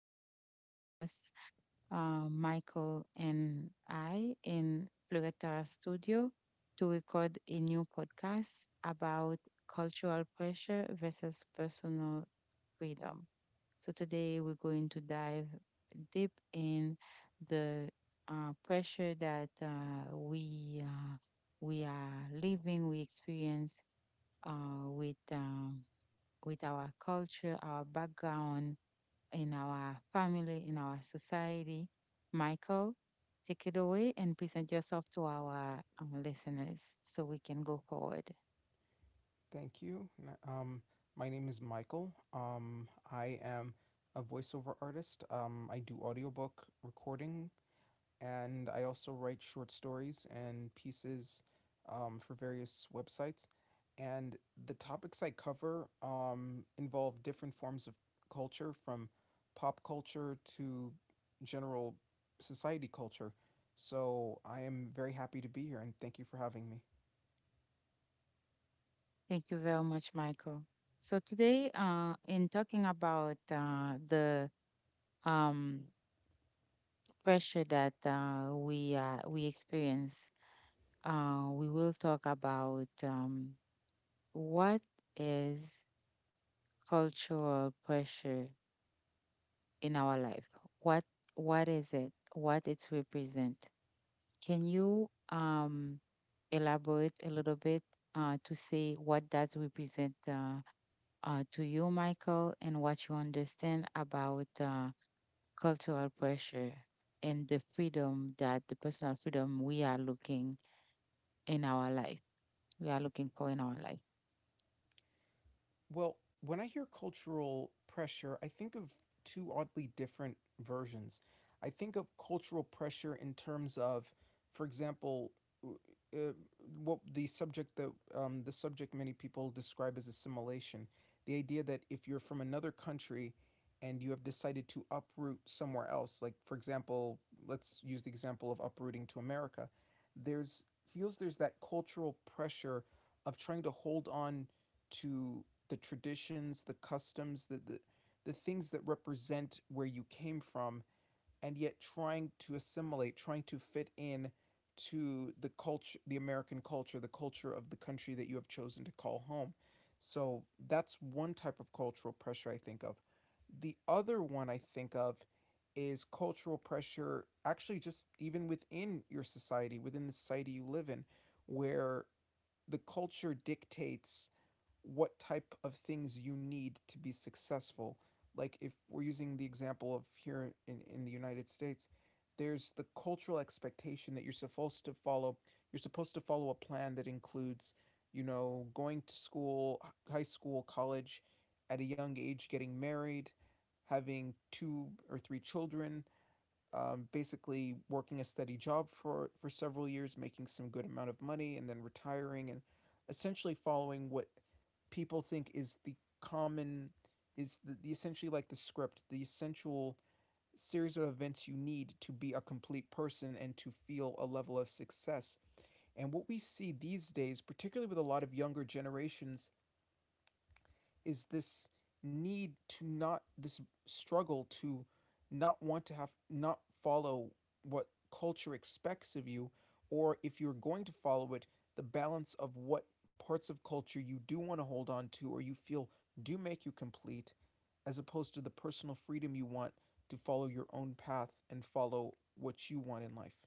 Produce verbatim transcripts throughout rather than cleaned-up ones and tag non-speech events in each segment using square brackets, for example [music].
again to join us, uh, Michael and I, in Plureta Studio to record a new podcast about cultural pressure versus personal freedom. So, today we're going to dive deep in the uh, pressure that uh, we, uh, we are living, we experience uh, with. Um, with our culture, our background, in our family, in our society. Michael, take it away and present yourself to our um, listeners so we can go forward. Thank you. N- Um, my name is Michael. Um, I am a voiceover artist. Um, I do audiobook recording, and I also write short stories and pieces um, for various websites. And the topics I cover um, involve different forms of culture, from pop culture to general society culture. So I am very happy to be here, and thank you for having me. Thank you very much, Michael. So today, uh, in talking about uh, the um, pressure that uh, we uh, we experience, uh, we will talk about um, what is cultural pressure in our life. What what is it? What it's represent? Can you um, elaborate a little bit uh, to say what that represent uh, uh, to you, Michael, and what you understand about uh, cultural pressure and the freedom that the personal freedom we are looking in our life, we are looking for in our life. Well, when I hear cultural pressure, I think of two oddly different versions. I think of cultural pressure in terms of, for example, w- uh, what the subject that um, the subject many people describe as assimilation. The idea that if you're from another country and you have decided to uproot somewhere else, like, for example, let's use the example of uprooting to America, there's feels there's that cultural pressure of trying to hold on to the traditions, the customs, the, the, the things that represent where you came from, and yet trying to assimilate, trying to fit in to the culture, the American culture, the culture of the country that you have chosen to call home. So that's one type of cultural pressure I think of. The other one I think of is cultural pressure, actually, just even within your society, within the society you live in, where the culture dictates what type of things you need to be successful. Like, if we're using the example of here in, in the United States, there's the cultural expectation that you're supposed to follow. You're supposed to follow a plan that includes, you know, going to school, high school, college, at a young age, getting married, having two or three children, um, basically working a steady job for for several years, making some good amount of money, and then retiring, and essentially following what people think is the common, is the, the essentially like the script, the essential series of events you need to be a complete person and to feel a level of success. And what we see these days, particularly with a lot of younger generations, is this need to not this struggle to not want to have not follow what culture expects of you, or if you're going to follow it, the balance of what parts of culture you do want to hold on to or you feel do make you complete, as opposed to the personal freedom you want to follow your own path and follow what you want in life.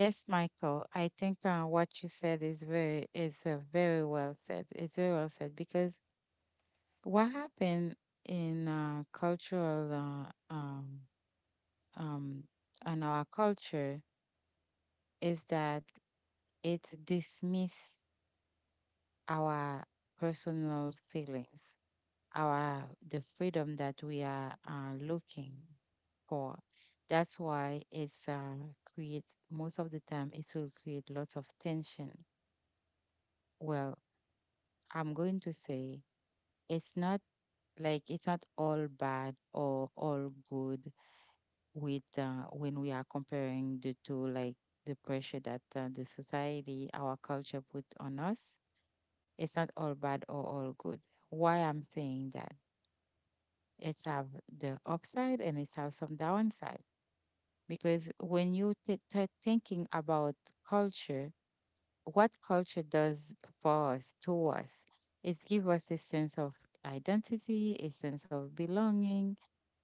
Yes, Michael, I think uh, what you said is very is uh, very well said. It's very well said because what happened in uh, cultural uh, um, um, in our culture is that it dismiss our personal feelings, our the freedom that we are uh, looking for. That's why it's uh, creates most of the time it will create lots of tension. Well, I'm going to say it's not like it's not all bad or all good with uh, when we are comparing the two, like the pressure that uh, the society, our culture put on us. It's not all bad or all good. Why I'm saying that? It's have the upside and it's have some downside because when you t- start thinking about culture, what culture does for us, to us, it gives us a sense of identity, a sense of belonging,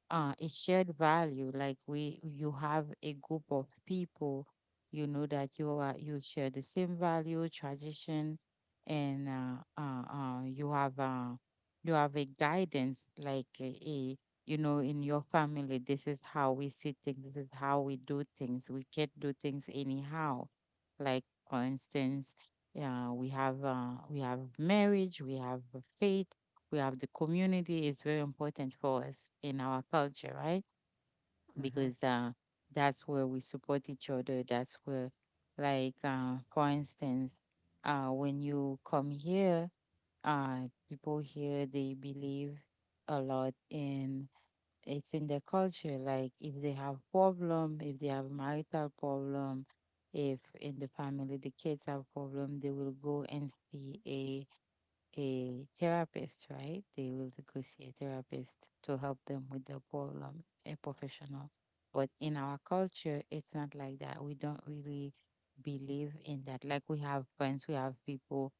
uh, a shared value like we you have a group of people, you know, that you are you share the same value tradition and uh, uh, uh, you have uh, you have a guidance like a, a you know, in your family this is how we see things, this is how we do things, we can't do things anyhow. Like for instance, uh, we have uh, we have marriage, we have faith, we have the community is very important for us in our culture, right? Mm-hmm. Because uh, that's where we support each other. That's where, like, uh, for instance, uh, when you come here, uh, people here they believe a lot in it's in their culture. Like, if they have problem, if they have marital problem, if in the family the kids have problem, they will go and see a a therapist, right? They will go see a therapist to help them with the problem, a professional. But in our culture, it's not like that. We don't really believe in that. Like we have friends, we have people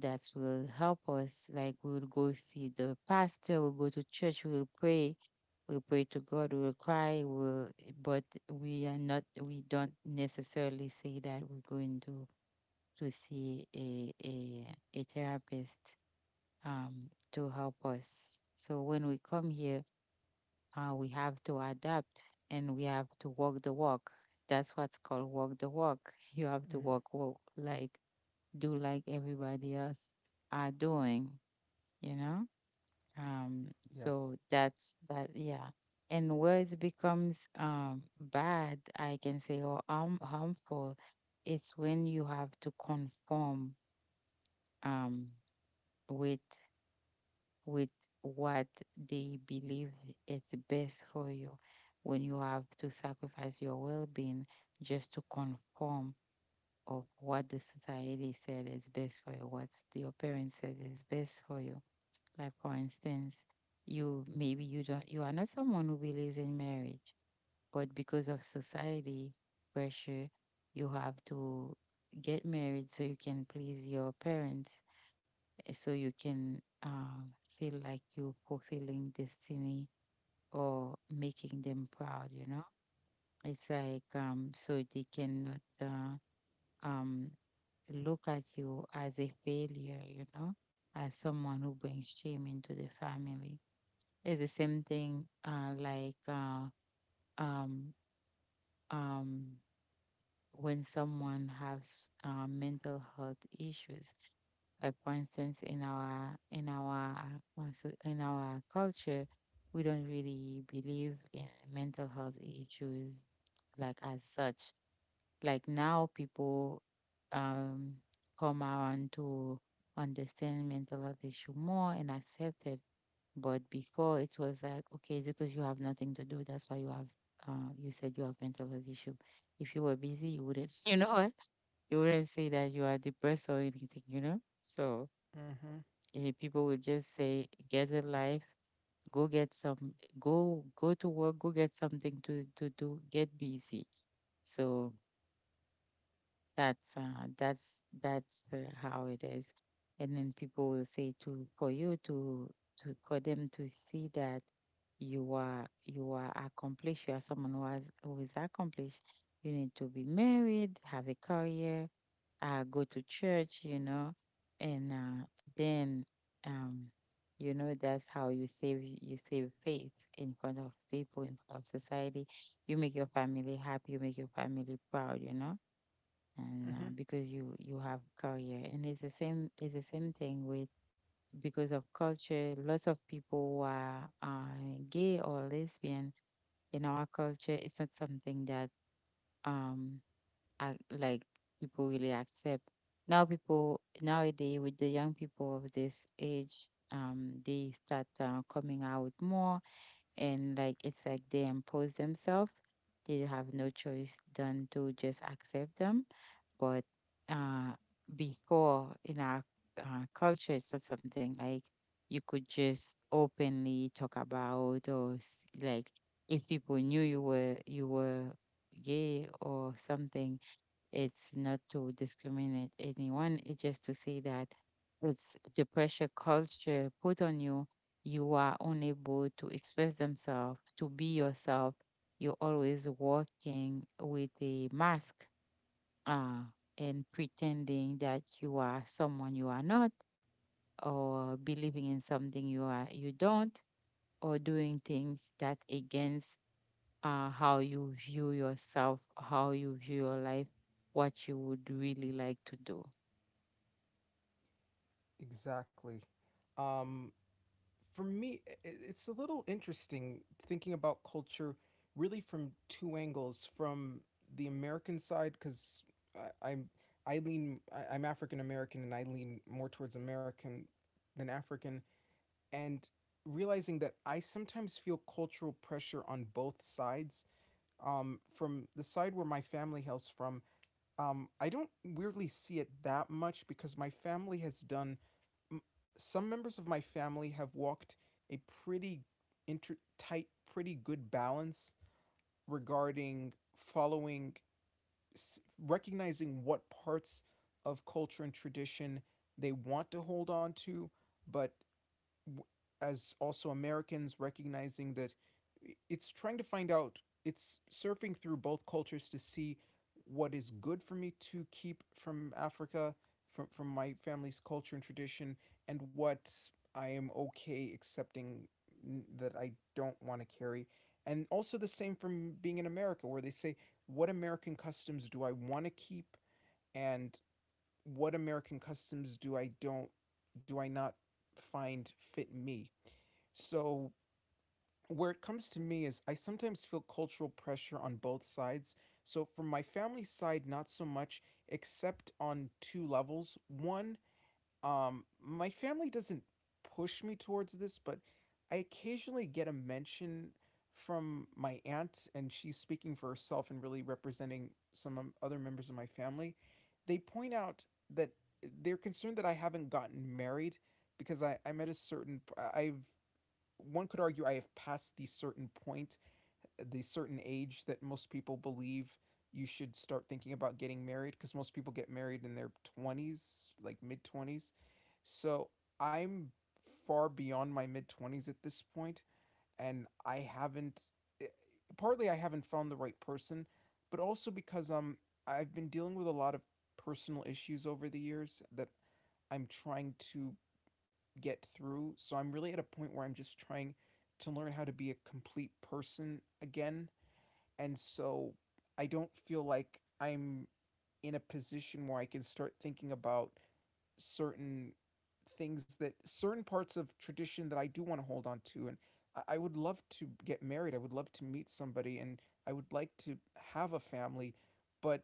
that will help us. Like we'll go see the pastor, we'll go to church, we'll pray, we'll pray to God, we'll cry, we'll but we are not we don't necessarily say that we're going to to see a a, a therapist um, to help us. So when we come here, uh, we have to adapt and we have to walk the walk. That's what's called walk the walk. You have to Mm-hmm. walk, walk like do like everybody else are doing, you know. Um, yes. So that's that, yeah. And where it becomes um, bad, I can say, or harm, harmful, it's when you have to conform um, with with what they believe it's best for you, when you have to sacrifice your well-being just to conform of what the society said is best for you, what your parents said is best for you. Like for instance, you maybe you don't you are not someone who believes in marriage, but because of society pressure you have to get married so you can please your parents, eh, so you can um, feel like you're fulfilling destiny or making them proud, you know. It's like, um, so they cannot uh, um, look at you as a failure, you know, as someone who brings shame into the family. It's the same thing uh, like uh, um, um, when someone has uh, mental health issues. Like for instance, in our in our uh, so- in our culture, we don't really believe in mental health issues like as such. Like now, people um come around to understand mental health issue more and accept it. But before, it was like, okay, it's because you have nothing to do. That's why you have uh you said you have mental health issue. If you were busy, you wouldn't, [laughs] you know, you wouldn't say that you are depressed or anything, you know? So Mm-hmm. eh, people would just say, get a life, go get some, go go to work, go get something to to do, get busy. So that's uh, that's that's uh, how it is, and then people will say to for you to to for them to see that you are you are accomplished, you are someone who has who is accomplished. You need to be married, have a career, I go to church, you know, and uh, then um, you know, that's how you save you save faith in front of people, in front of society. You make your family happy, you make your family proud, you know, and Mm-hmm. uh, because you you have career. And it's the same it's the same thing with because of culture. Lots of people who are uh, gay or lesbian in our culture. It's not something that um ac- like people really accept. Now people nowadays, with the young people of this age, um, they start uh, coming out more, and like it's like they impose themselves. They have no choice than to just accept them. But uh, before in our uh, culture, it's not something like you could just openly talk about or s- like if people knew you were you were gay or something. It's not to discriminate anyone, it's just to say that it's the pressure culture put on you. You are unable to express themselves, to be yourself. You're always working with a mask uh, and pretending that you are someone you are not, or believing in something you are you don't, or doing things that against uh, how you view yourself, how you view your life, what you would really like to do. Exactly. Um, for me, i- it's a little interesting thinking about culture really from two angles, from the American side, because I'm I lean I, I'm African American, and I lean more towards American than African, and realizing that I sometimes feel cultural pressure on both sides. Um, from the side where my family hails from, um, I don't weirdly see it that much, because my family has done some members of my family have walked a pretty inter- tight, pretty good balance regarding following, recognizing what parts of culture and tradition they want to hold on to, but as also Americans, recognizing that it's trying to find out, it's surfing through both cultures to see what is good for me to keep from Africa, from from my family's culture and tradition, and what I am okay accepting that I don't want to carry, and also the same from being in America, where they say what American customs do I want to keep and what American customs do I don't do I not find fit me. So, where it comes to me is I sometimes feel cultural pressure on both sides. So, from my family side, not so much, except on two levels. One, um, my family doesn't push me towards this, but I occasionally get a mention from my aunt, and she's speaking for herself and really representing some um, other members of my family. They point out that eh, they're concerned that I haven't gotten married, because I, I'm at a certain, I I've one could argue I have passed the certain point, the certain age that most people believe you should start thinking about getting married, because most people get married in their twenties, like mid twenties. So I'm far beyond my mid twenties at this point, and I haven't, eh, partly I haven't found the right person, but also because um, I've been dealing with a lot of personal issues over the years that I'm trying to get through. So I'm really at a point where I'm just trying to learn how to be a complete person again. And so I don't feel like I'm in a position where I can start thinking about certain things, that certain parts of tradition that I do want to hold on to. And I, would love to get married. I would love to meet somebody, and I would like to have a family, but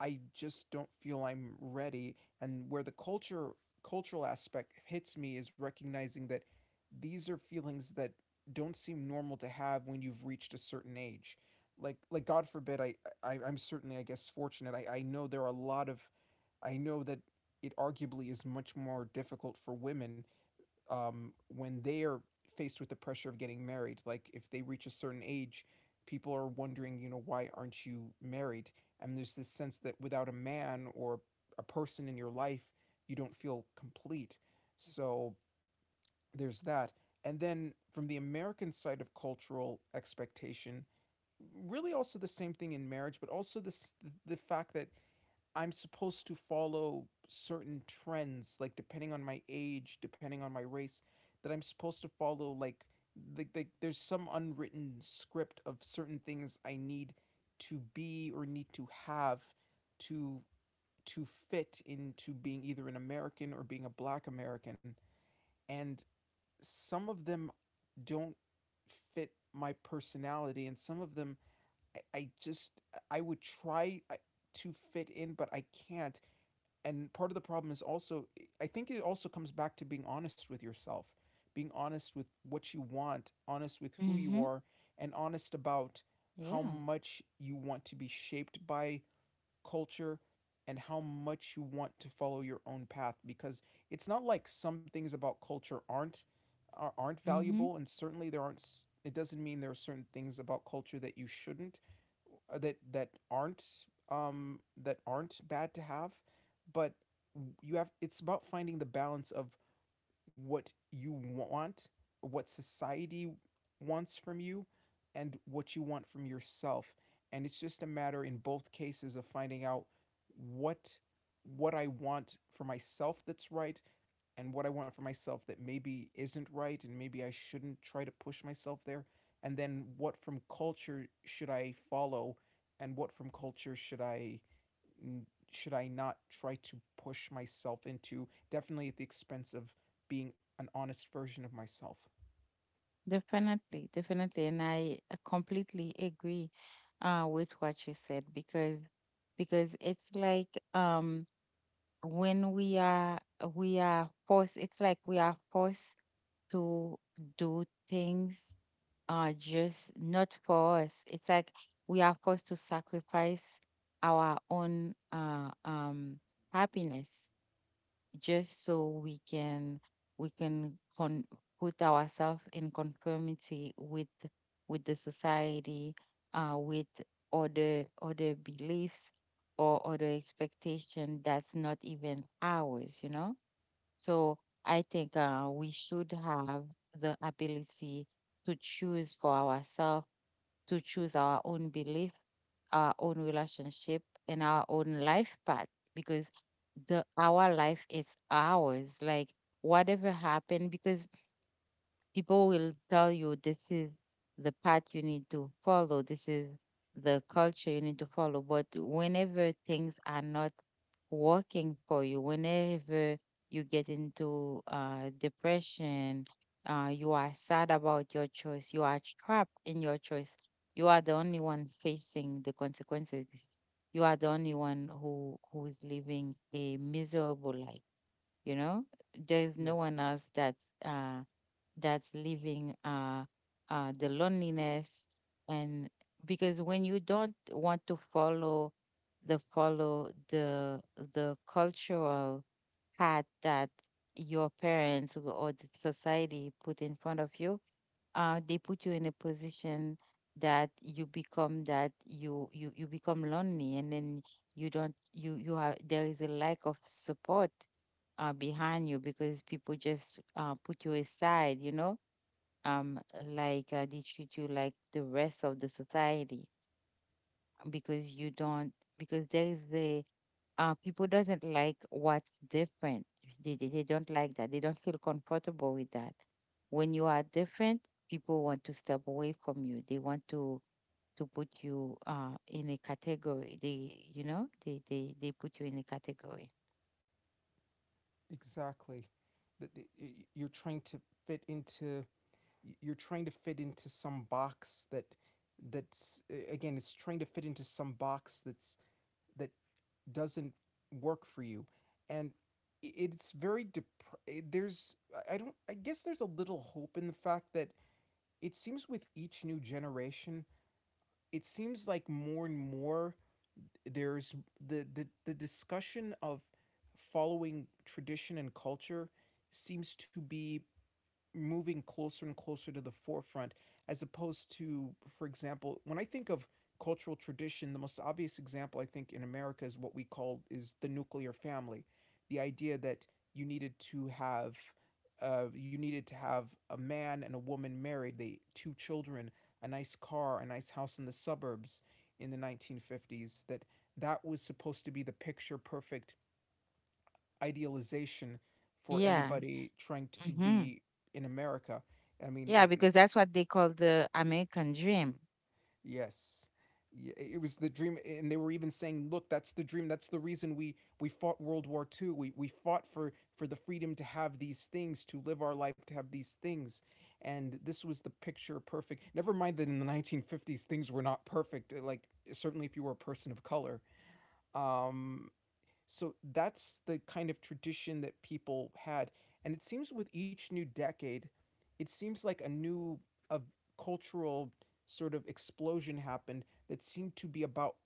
I just don't feel I'm ready. And where the culture cultural aspect hits me is recognizing that these are feelings that don't seem normal to have when you've reached a certain age. Like like God forbid I, I I'm certainly, I guess, fortunate. I, I know there are a lot of I know that it arguably is much more difficult for women um, when they are faced with the pressure of getting married. Like, if they reach a certain age, people are wondering, you know, why aren't you married? And there's this sense that without a man or a person in your life, you don't feel complete. So there's that. And then from the American side of cultural expectation, really also the same thing in marriage, but also this, the fact that I'm supposed to follow certain trends, like depending on my age, depending on my race, that I'm supposed to follow, like like like there's some unwritten script of certain things I need to be or need to have to to fit into being either an American or being a black American. And some of them don't fit my personality, and some of them I, I just I would try uh, to fit in, but I can't. And part of the problem is also, I think it also comes back to being honest with yourself, being honest with what you want, honest with who you Mm-hmm. are, and honest about how Yeah, much you want to be shaped by culture, and how much you want to follow your own path. Because it's not like some things about culture aren't are, aren't mm-hmm. valuable, and certainly there aren't it doesn't mean there are certain things about culture that you shouldn't uh, that that aren't um that aren't bad to have. But you have it's about finding the balance of what you want, what society wants from you, and what you want from yourself. And it's just a matter in both cases of finding out what what I want for myself that's right, and what I want for myself that maybe isn't right, and maybe I shouldn't try to push myself there. And then what from culture should I follow, and what from culture should I should I not try to push myself into, definitely at the expense of being an honest version of myself? Definitely, definitely, and I uh, completely agree uh, with what you said. because because it's like um when we are we are forced, it's like we are forced to do things are just not for us. It's like we are forced to sacrifice our own uh, um, happiness just so we can we can con- put ourselves in conformity with with the society, uh, with other other beliefs or other expectation that's not even ours. You know. So I think uh, we should have the ability to choose for ourselves, to choose our own belief, our own relationship, and our own life path. Because the our life is ours. Like whatever happened, because people will tell you this is the path you need to follow, this is the culture you need to follow. But whenever things are not working for you, whenever you get into uh, depression, uh, you are sad about your choice, you are trapped in your choice, you are the only one facing the consequences. You are the only one who who is living a miserable life, you know? There is no one Yes. else that's uh that's living uh, uh, the loneliness. And because when you don't want to follow the follow the the cultural path that your parents w- or the society put in front of you, uh, they put you in a position that you become that you you you become lonely, and then you don't you you have there is a lack of support uh, behind you, because people just uh, put you aside, you know. um like uh, they treat you like the rest of the society because you don't because there is the uh people doesn't like what's different. They, they, they don't like that, they don't feel comfortable with that. When you are different, people want to step away from you, they want to to put you uh in a category. They, you know, they they, they put you in a category. Exactly. That You're trying to fit into you're trying to fit into some box that that's uh, again, it's trying to fit into some box that's that doesn't work for you. And it's very dep- there's I don't I guess there's a little hope in the fact that it seems with each new generation, it seems like more and more there's the the, the discussion of following tradition and culture seems to be moving closer and closer to the forefront, as opposed to, for example, when I think of cultural tradition, the most obvious example I think in America is what we call is the nuclear family. The idea that you needed to have uh, you needed to have a man and a woman, married, they two children, a nice car, a nice house in the suburbs, in the nineteen fifties. That that was supposed to be the picture perfect idealization for Yeah. anybody trying to Hmm. be in America. I mean, Yeah, I because that's what they call the American dream. yes, Y- it was the dream, and they were even saying, "Look, that's the dream. That's the reason we we fought World War Two. We we fought for for the freedom to have these things, to live our life, to have these things." And this was the picture perfect. Never mind that in the nineteen fifties things were not perfect. uh, Like, certainly if you were a person of color. Um, So that's the kind of tradition that people had. And it seems with each new decade, it seems like a new a cultural sort of explosion happened that seemed to be about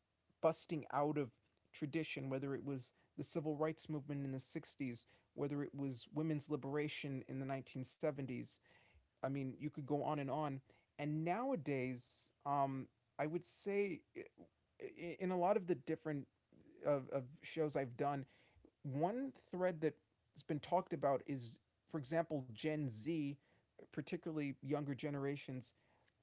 busting out of tradition, whether it was the civil rights movement in the sixties, whether it was women's liberation in the nineteen seventies. I mean, you could go on and on. And nowadays, um, I would say eh, I- in a lot of the different of, of shows I've done, one thread that's been talked about is, for example, Gen Z, particularly younger generations,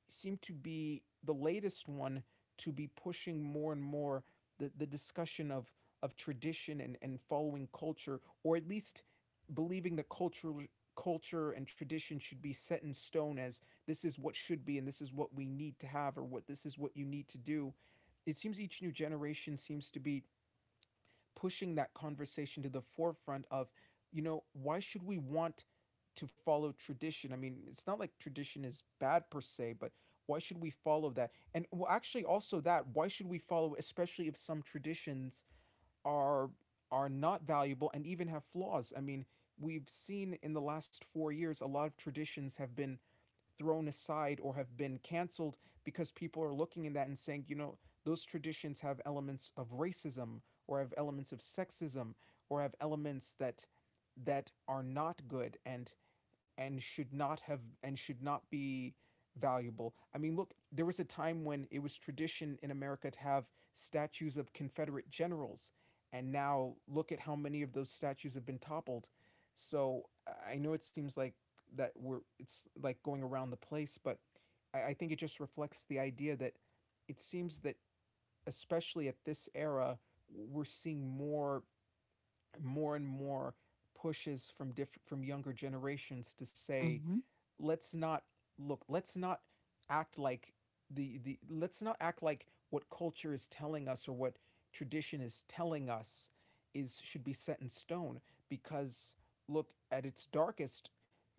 seem to be the latest one to be pushing more and more the, the discussion of, of tradition and, and following culture, or at least believing that cultural culture and tradition should be set in stone as this is what should be and this is what we need to have or what this is what you need to do. It seems each new generation seems to be pushing that conversation to the forefront of, you know, why should we want to follow tradition? I mean, it's not like tradition is bad per se, but why should we follow that? And well, actually, also that why should we follow, especially if some traditions are are not valuable and even have flaws? I mean, we've seen in the last four years a lot of traditions have been thrown aside or have been canceled because people are looking at that and saying, you know, those traditions have elements of racism or have elements of sexism or have elements that that are not good and and should not have and should not be valuable. I mean, look, there was a time when it was tradition in America to have statues of Confederate generals, and now look at how many of those statues have been toppled. So I know it seems like that we're it's like going around the place, but I, I think it just reflects the idea that it seems that, especially at this era, we're seeing more more and more pushes from diff- from younger generations to say let's not look let's not act like the the let's not act like what culture is telling us or what tradition is telling us is should be set in stone. Because look at its darkest,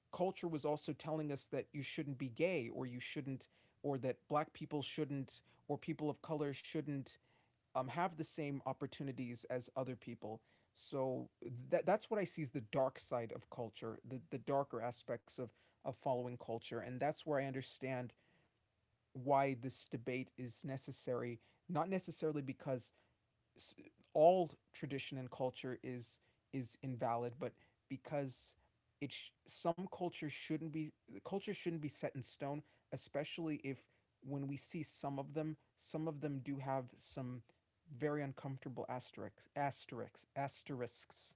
culture was also telling us that you shouldn't be gay, or you shouldn't or that black people shouldn't, or people of color shouldn't, um, have the same opportunities as other people. So that that's what I see as the dark side of culture, the, the darker aspects of, of following culture. And that's where I understand why this debate is necessary, not necessarily because all tradition and culture is is invalid, but because it sh- some cultures shouldn't be culture shouldn't be set in stone, especially if when we see some of them, some of them do have some very uncomfortable asterisks asterisks asterisks.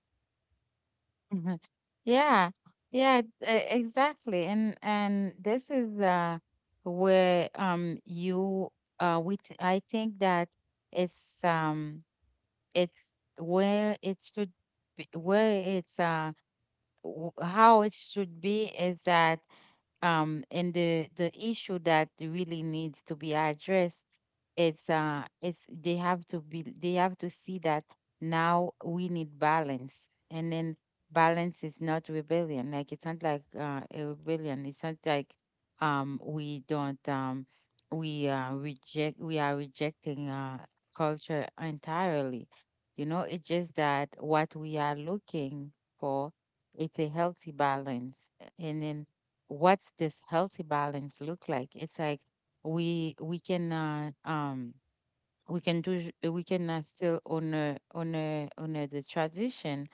Mhm. Yeah, yeah, e- exactly. And and this is uh where um you uh we t I think that it's um it's where it should be where it's uh w how it should be is that um in the the issue that really needs to be addressed it's uh it's they have to be they have to see that now we need balance. And then balance is not rebellion. Like it's not like uh, a rebellion. It's not like um we don't um we uh reject we are rejecting uh culture entirely, you know. It's just that what we are looking for, it's a healthy balance. And then what's this healthy balance look like? It's like we we can uh um we can do we cannot still honor honor honor the tradition.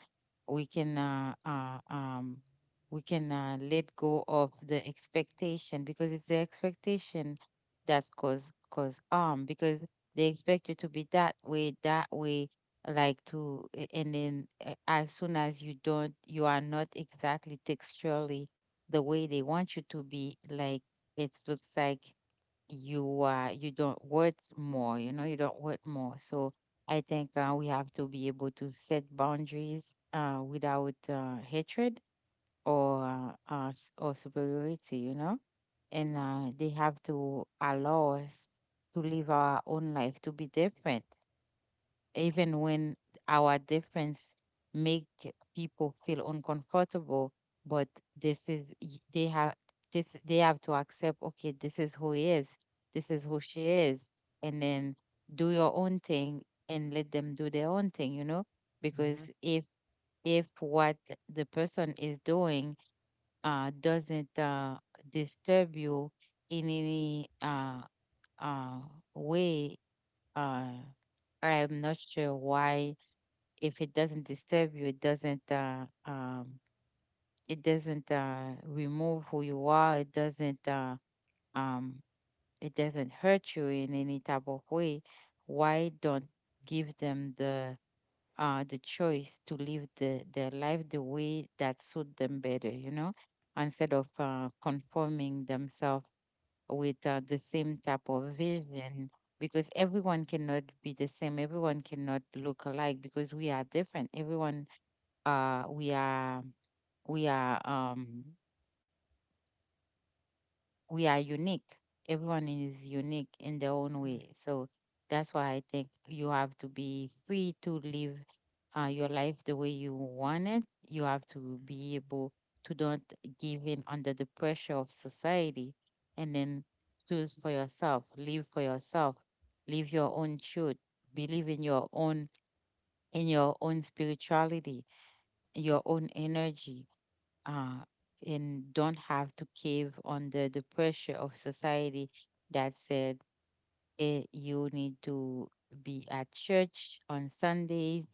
We can uh, uh um we cannot let go of the expectation because it's the expectation that's cause cause harm, because they expect you to be that way that way. Like to a- and then uh, as soon as you don't, you are not exactly texturally the way they want you to be. Like it looks like you uh you don't worth more, you know, you don't worth more. So I think uh, we have to be able to set boundaries uh without uh, hatred, or uh, uh s- or superiority, you know. And uh they have to allow us to live our own life, to be different, even when our difference make people feel uncomfortable. But this is y- they have this, they have to accept, okay, this is who he is, this is who she is, and then do your own thing and let them do their own thing, you know. Because Hmm if if what the person is doing uh doesn't uh disturb you in any uh uh way, uh I'm not sure why. If it doesn't disturb you, it doesn't uh, um, it doesn't uh, remove who you are, it doesn't uh, um, it doesn't hurt you in any type of way. Why don't give them the uh, the choice to live the, their life the way that suit them better, you know, instead of uh, conforming themselves with uh, the same type of vision. Because everyone cannot be the same, everyone cannot look alike, because we are different. Everyone uh We are we are um we are unique. Everyone is unique in their own way. So that's why I think you have to be free to live uh, your life the way you want it. You have to be able to don't give in under the pressure of society, and then choose for yourself, live for yourself, live your own truth, believe in your own, in your own spirituality, your own energy, uh, and don't have to cave under the pressure of society that said, eh, you need to be at church on Sundays,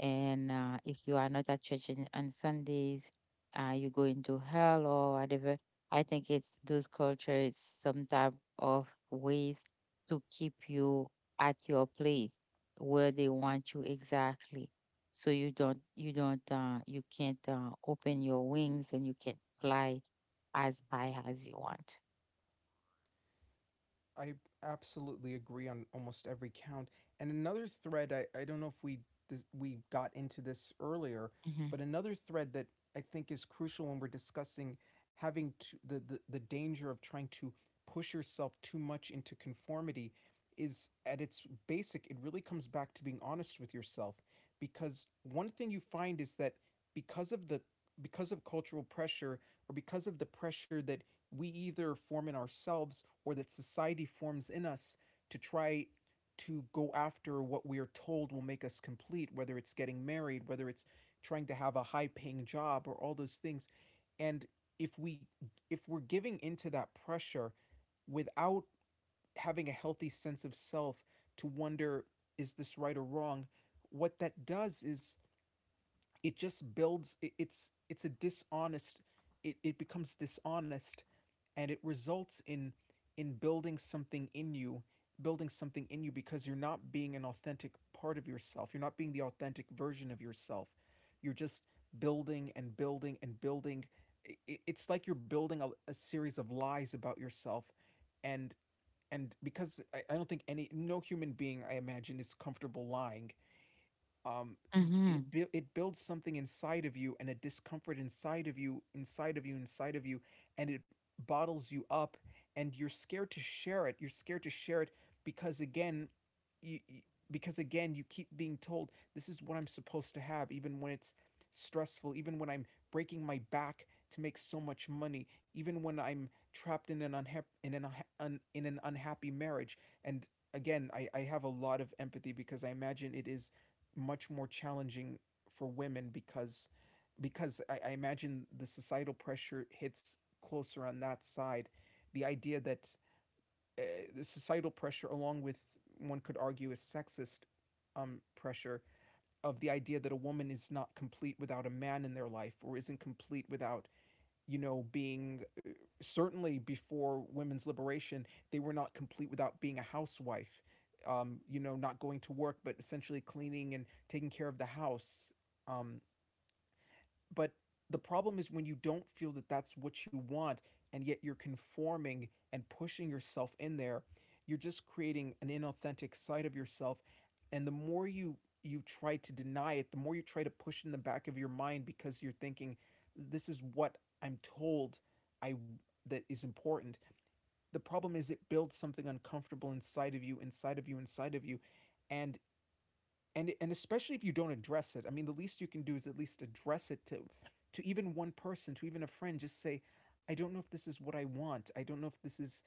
and uh, if you are not at church in, on Sundays, uh, you go into hell or whatever. I think it's those cultures, some type of ways to keep you at your place where they want you exactly. So you don't, you don't, uh, you can't uh, open your wings and you can fly as high as you want. I absolutely agree on almost every count. And another thread, I, I don't know if we dis- we got into this earlier, but another thread that I think is crucial when we're discussing having to, the, the, the danger of trying to push yourself too much into conformity is, at its basic, it really comes back to being honest with yourself. Because one thing you find is that because of the because of cultural pressure, or because of the pressure that we either form in ourselves or that society forms in us, to try to go after what we are told will make us complete, whether it's getting married, whether it's trying to have a high paying job, or all those things. And if we if we're giving into that pressure without having a healthy sense of self to wonder, is this right or wrong, what that does is it just builds it, it's it's a dishonest, it, it becomes dishonest, and it results in in building something in you, building something in you, because you're not being an authentic part of yourself, you're not being the authentic version of yourself. You're just building and building and building. I- it's like you're building a, a series of lies about yourself. and and because I, I don't think any no human being I imagine is comfortable lying, um, e, it, Hmm. bu- it builds something inside of you, and a discomfort inside of you, inside of you, inside of you, and it bottles you up. And you're scared to share it. You're scared to share it because, again, you, because again, you keep being told this is what I'm supposed to have, even when it's stressful, even when I'm breaking my back to make so much money, even when I'm trapped in an unha- in an unha- un- in an unhappy marriage. And again, I, I have a lot of empathy because I imagine it is much more challenging for women, because because I, I imagine the societal pressure hits closer on that side. The idea that uh, the societal pressure, along with one could argue is sexist, um, pressure of the idea that a woman is not complete without a man in their life, or isn't complete without, you know, being uh, certainly before women's liberation, they were not complete without being a housewife. Um, you know, not going to work, but essentially cleaning and taking care of the house. Um, but the problem is when you don't feel that that's what you want, and yet you're conforming and pushing yourself in there, you're just creating an inauthentic side of yourself. And the more you you try to deny it, the more you try to push it in the back of your mind, because you're thinking this is what I'm told I that is important. The problem is, it builds something uncomfortable inside of you, inside of you, inside of you. and and and especially if you don't address it, I mean, the least you can do is at least address it to to even one person, to even a friend, just say, I don't know if this is what I want, I don't know if this is,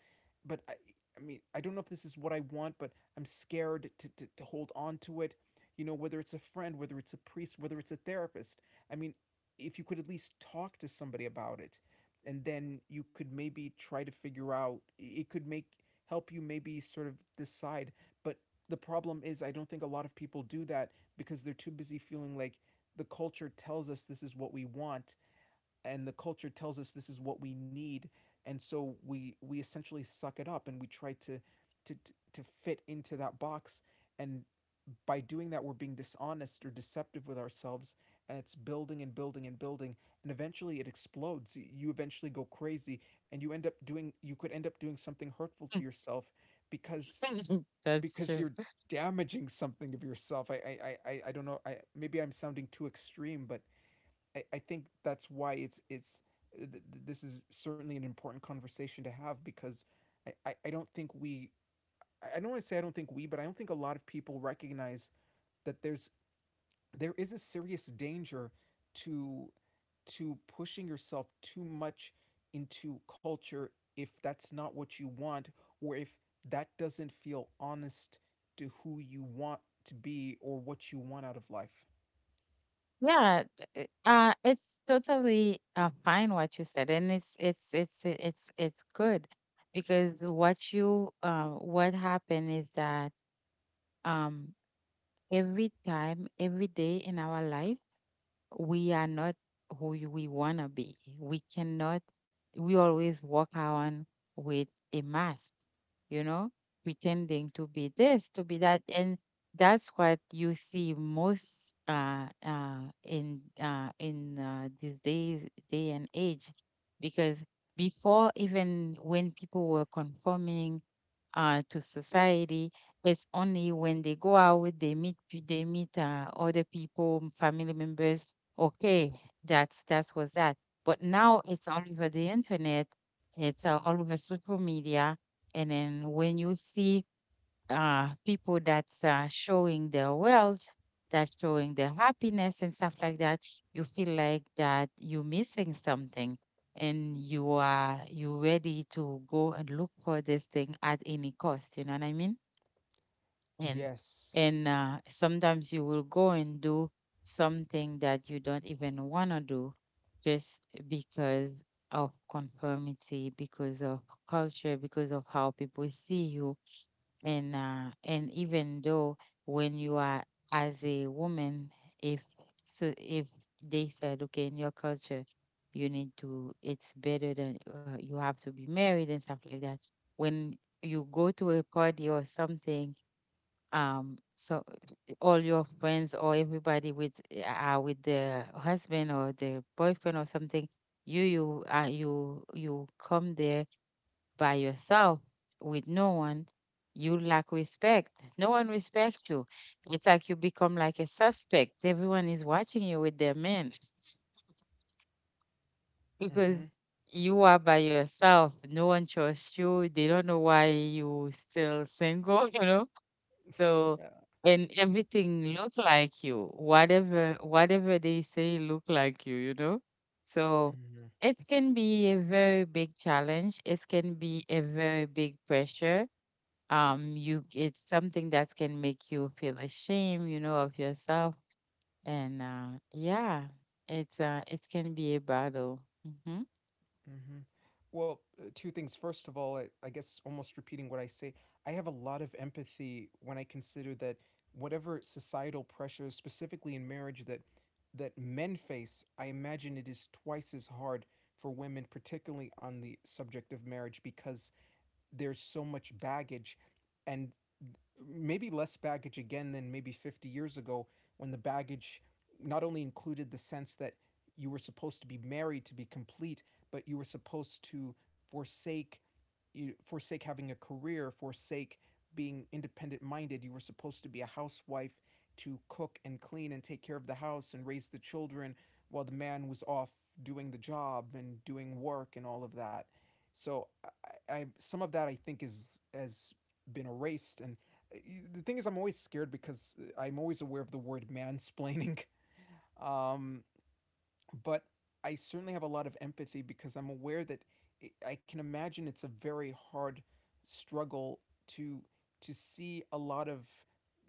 but i i mean, I don't know if this is what I want, but I'm scared to to, to hold on to it, you know, whether it's a friend, whether it's a priest, whether it's a therapist. I mean, if you could at least talk to somebody about it, and then you could maybe try to figure out, it could make help you maybe sort of decide. But the problem is, I don't think a lot of people do that, because they're too busy feeling like the culture tells us this is what we want, and the culture tells us this is what we need. And so we we essentially suck it up, and we try to to to fit into that box. And by doing that, we're being dishonest or deceptive with ourselves, and it's building and building and building. And eventually it explodes you, eventually go crazy, and you end up doing, you could end up doing something hurtful to Hmm. yourself. Because [laughs] That's because true. you're damaging something of yourself. I I, I, I don't know. I, maybe I'm sounding too extreme, but I, I think that's why it's it's uh, th- this is certainly an important conversation to have. Because I, I, I don't think we, I don't want to say I don't think we, but I don't think a lot of people recognize that there's there is a serious danger to to pushing yourself too much into culture, if that's not what you want, or if that doesn't feel honest to who you want to be, or what you want out of life. Yeah, th- uh, it's totally uh, fine what you said, and it's it's it's it's it's good. Because what you uh, what happened is that um, every time, every day in our life, we are not who we want to be. We cannot, we always walk around with a mask, you know, pretending to be this, to be that. And that's what you see most uh, uh, in, uh, in uh, these days, day and age. Because before, even when people were conforming uh, to society, it's only when they go out, they meet pe- they meet uh, other people, family members. Okay, that's that's was that. But now it's all over the internet. It's uh, all over social media. And then when you see uh, people that's uh, showing their wealth, that's showing their happiness and stuff like that, you feel like that you're missing something, and you are you ready to go and look for this thing at any cost. You know what I mean? And Yes. and uh, sometimes you will go and do something that you don't even want to do, just because of conformity, because of culture, because of how people see you. And uh, and even though when you are as a woman, if, so if they said, okay, in your culture, you need to, it's better than uh, you have to be married and stuff like that. When you go to a party or something, um so all your friends or everybody with are with the husband or the boyfriend or something, you you uh, you you come there by yourself, with no one, you lack respect. No one respects you. It's like you become like a suspect. Everyone is watching you with their men [laughs] because Mhm. you are by yourself. No one trusts you. They don't know why you still single, [laughs] you know? So [laughs] and everything look like you. Whatever whatever they say look like you, you know? So Yeah. it can be a very big challenge. It can be a very big pressure. Um you, it's something that can make you feel ashamed, you know, of yourself. And uh yeah, it's uh it can be a battle. Hmm. hmm Well, uh, two things. First of all, I, I guess almost repeating what I say, I have a lot of empathy when I consider that whatever societal pressures, specifically in marriage, that that men face, I imagine it is twice as hard for women, particularly on the subject of marriage, because there's so much baggage, and maybe less baggage again than maybe fifty years ago, when the baggage not only included the sense that you were supposed to be married to be complete, but you were supposed to forsake you forsake having a career, forsake being independent minded, you were supposed to be a housewife, to cook and clean and take care of the house and raise the children, while the man was off doing the job and doing work and all of that. So i, I, some of that I think is has been erased. And the thing is, I'm always scared because I'm always aware of the word mansplaining. [laughs] Um, but I certainly have a lot of empathy, because I'm aware that it, I can imagine it's a very hard struggle to to see a lot of,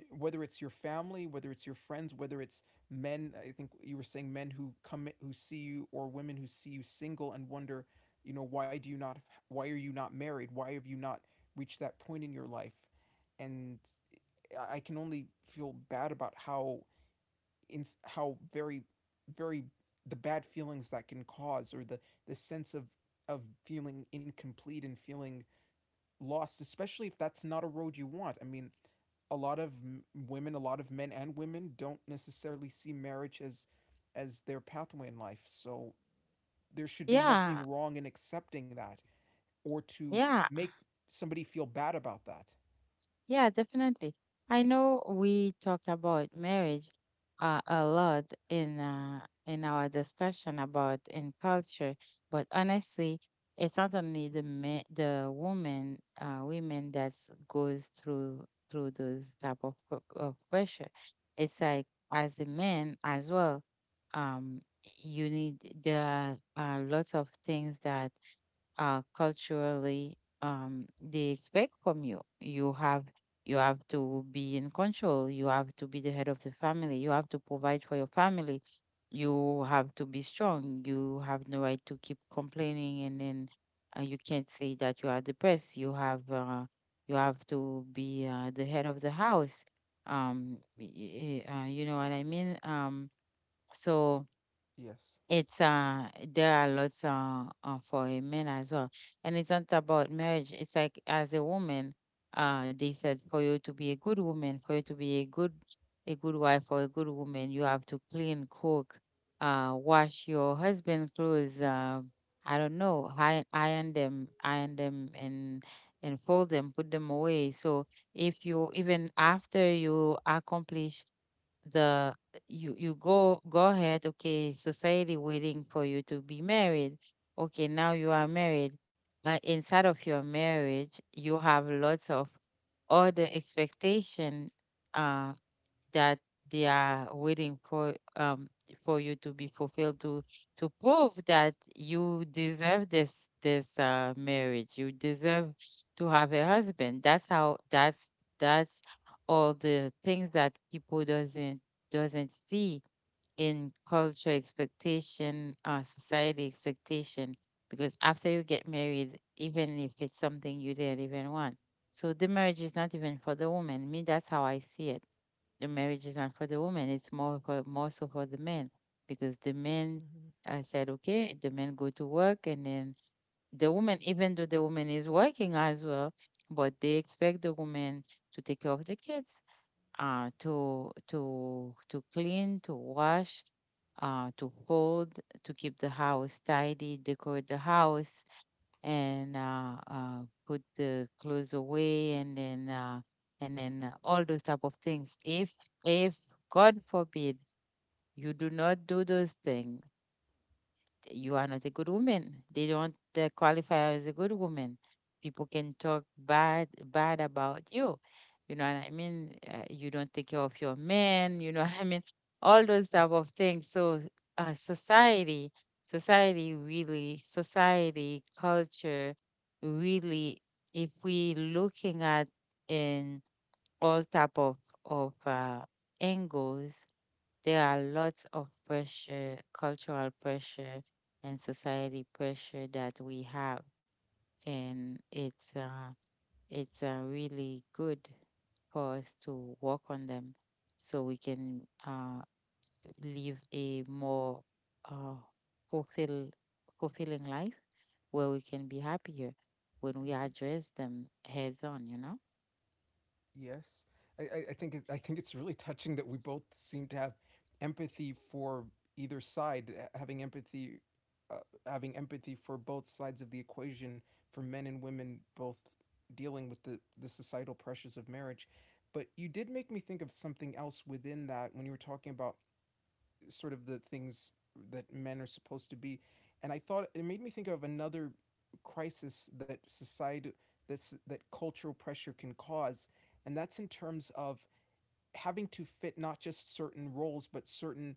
whether it's your family, whether it's your friends, whether it's men. I think you were saying men who come who see you, or women who see you single, and wonder, you know, why do you not? Why are you not married? Why have you not reached that point in your life? And I can only feel bad about how in how very very the bad feelings that can cause, or the the sense of of feeling incomplete and feeling lost, especially if that's not a road you want. I mean a lot of women, a lot of men and women don't necessarily see marriage as as their pathway in life, so there should be Yeah, nothing wrong in accepting that, or to yeah. make somebody feel bad about that. Yeah, definitely. I know we talked about marriage uh, a lot in uh, in our discussion about in culture, but honestly, it's not only the ma- the woman uh, women that goes through through those type of, p- of pressure. It's like as a man as well. Um, you need, there are uh, lots of things that uh, culturally um, they expect from you. You have, you have to be in control. You have to be the head of the family. You have to provide for your family. You have to be strong. You have no right to keep complaining, and then uh, you can't say that you are depressed. You have uh, you have to be uh, the head of the house. Um, y- y- uh, you know what I mean? Um, so Yes. it's uh there are lots uh, uh for a man as well. And it's not about marriage. It's like as a woman, uh they said, for you to be a good woman, for you to be a good, a good wife or a good woman, you have to clean, cook, uh wash your husband clothes, uh I don't know, iron iron them, iron them, and and fold them, put them away. So if you, even after you accomplish the, you you go go ahead, okay, society waiting for you to be married. Okay, now you are married, but inside of your marriage you have lots of other expectation, Uh that they are waiting for, um for you to be fulfilled, to to prove that you deserve this, this uh marriage, you deserve to have a husband. That's how that's that's all the things that people doesn't doesn't see in culture expectation, uh society expectation. Because after you get married, even if it's something you didn't even want, so the marriage is not even for the woman. Me, that's how I see it. The marriages aren't for the women. It's more for, more so for the men. Because the men, I said, okay, the men go to work, and then the woman, even though the woman is working as well, but they expect the woman to take care of the kids, uh, to to to clean, to wash, uh, to fold, to keep the house tidy, decorate the house, and uh, uh, put the clothes away, and then uh, and then uh, all those type of things. if if god forbid you do not do those things, you are not a good woman. They don't uh, qualify as a good woman. People can talk bad bad about you. You know what I mean? Uh, you don't take care of your men. You know [laughs] what I mean? All those type of things. So uh, society, society really, society culture really, if we looking at in all type of of uh, angles, there are lots of pressure, cultural pressure, and society pressure that we have, and it's uh, it's uh, really good for us to work on them, so we can uh, live a more uh, fulfill fulfilling life where we can be happier when we address them heads on. You know. Yes, I, I, I think it, I think it's really touching that we both seem to have empathy for either side, uh, having empathy, uh, having empathy for both sides of the equation, for men and women both dealing with the the societal pressures of marriage. But you did make me think of something else within that when you were talking about sort of the things that men are supposed to be. And I thought it made me think of another crisis that society that's that cultural pressure can cause, and that's in terms of having to fit not just certain roles but certain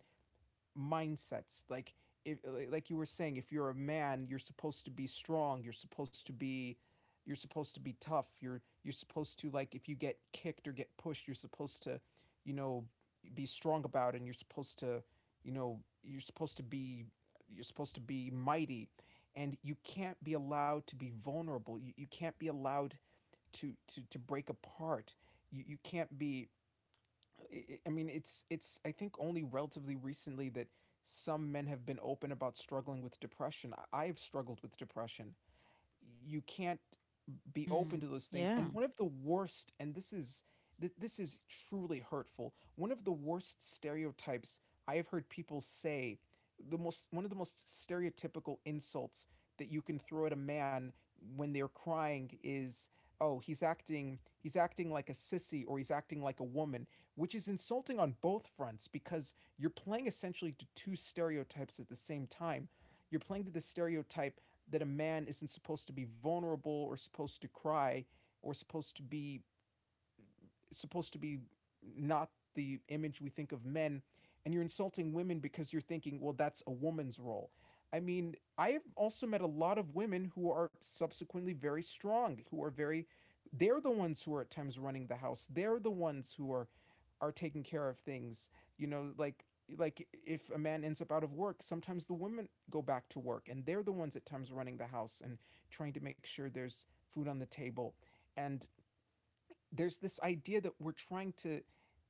mindsets. Like, if, like you were saying, if you're a man, you're supposed to be strong, you're supposed to be, you're supposed to be tough, you're you're supposed to, like, if you get kicked or get pushed, you're supposed to, you know, be strong about it, and you're supposed to, you know, you're supposed to be, you're supposed to be mighty, and you can't be allowed to be vulnerable. You, you can't be allowed to to to break apart. You, you can't be, I mean, it's it's I think only relatively recently that some men have been open about struggling with depression. I have struggled with depression. You can't be open to Mm, those things. And yeah, one of the worst, and this is th- this is truly hurtful. One of the worst stereotypes I have heard people say, the most one of the most stereotypical insults that you can throw at a man when they're crying is, "Oh, he's acting he's acting like a sissy, or he's acting like a woman," which is insulting on both fronts because you're playing essentially to two stereotypes at the same time. You're playing to the stereotype that a man isn't supposed to be vulnerable or supposed to cry or supposed to be, supposed to be, not the image we think of men. And you're insulting women because you're thinking, well, that's a woman's role. I mean, I have also met a lot of women who are subsequently very strong, who are very, they're the ones who are at times running the house, they're the ones who are are taking care of things. You know, like like if a man ends up out of work, sometimes the women go back to work and they're the ones at times running the house and trying to make sure there's food on the table. And there's this idea that we're trying to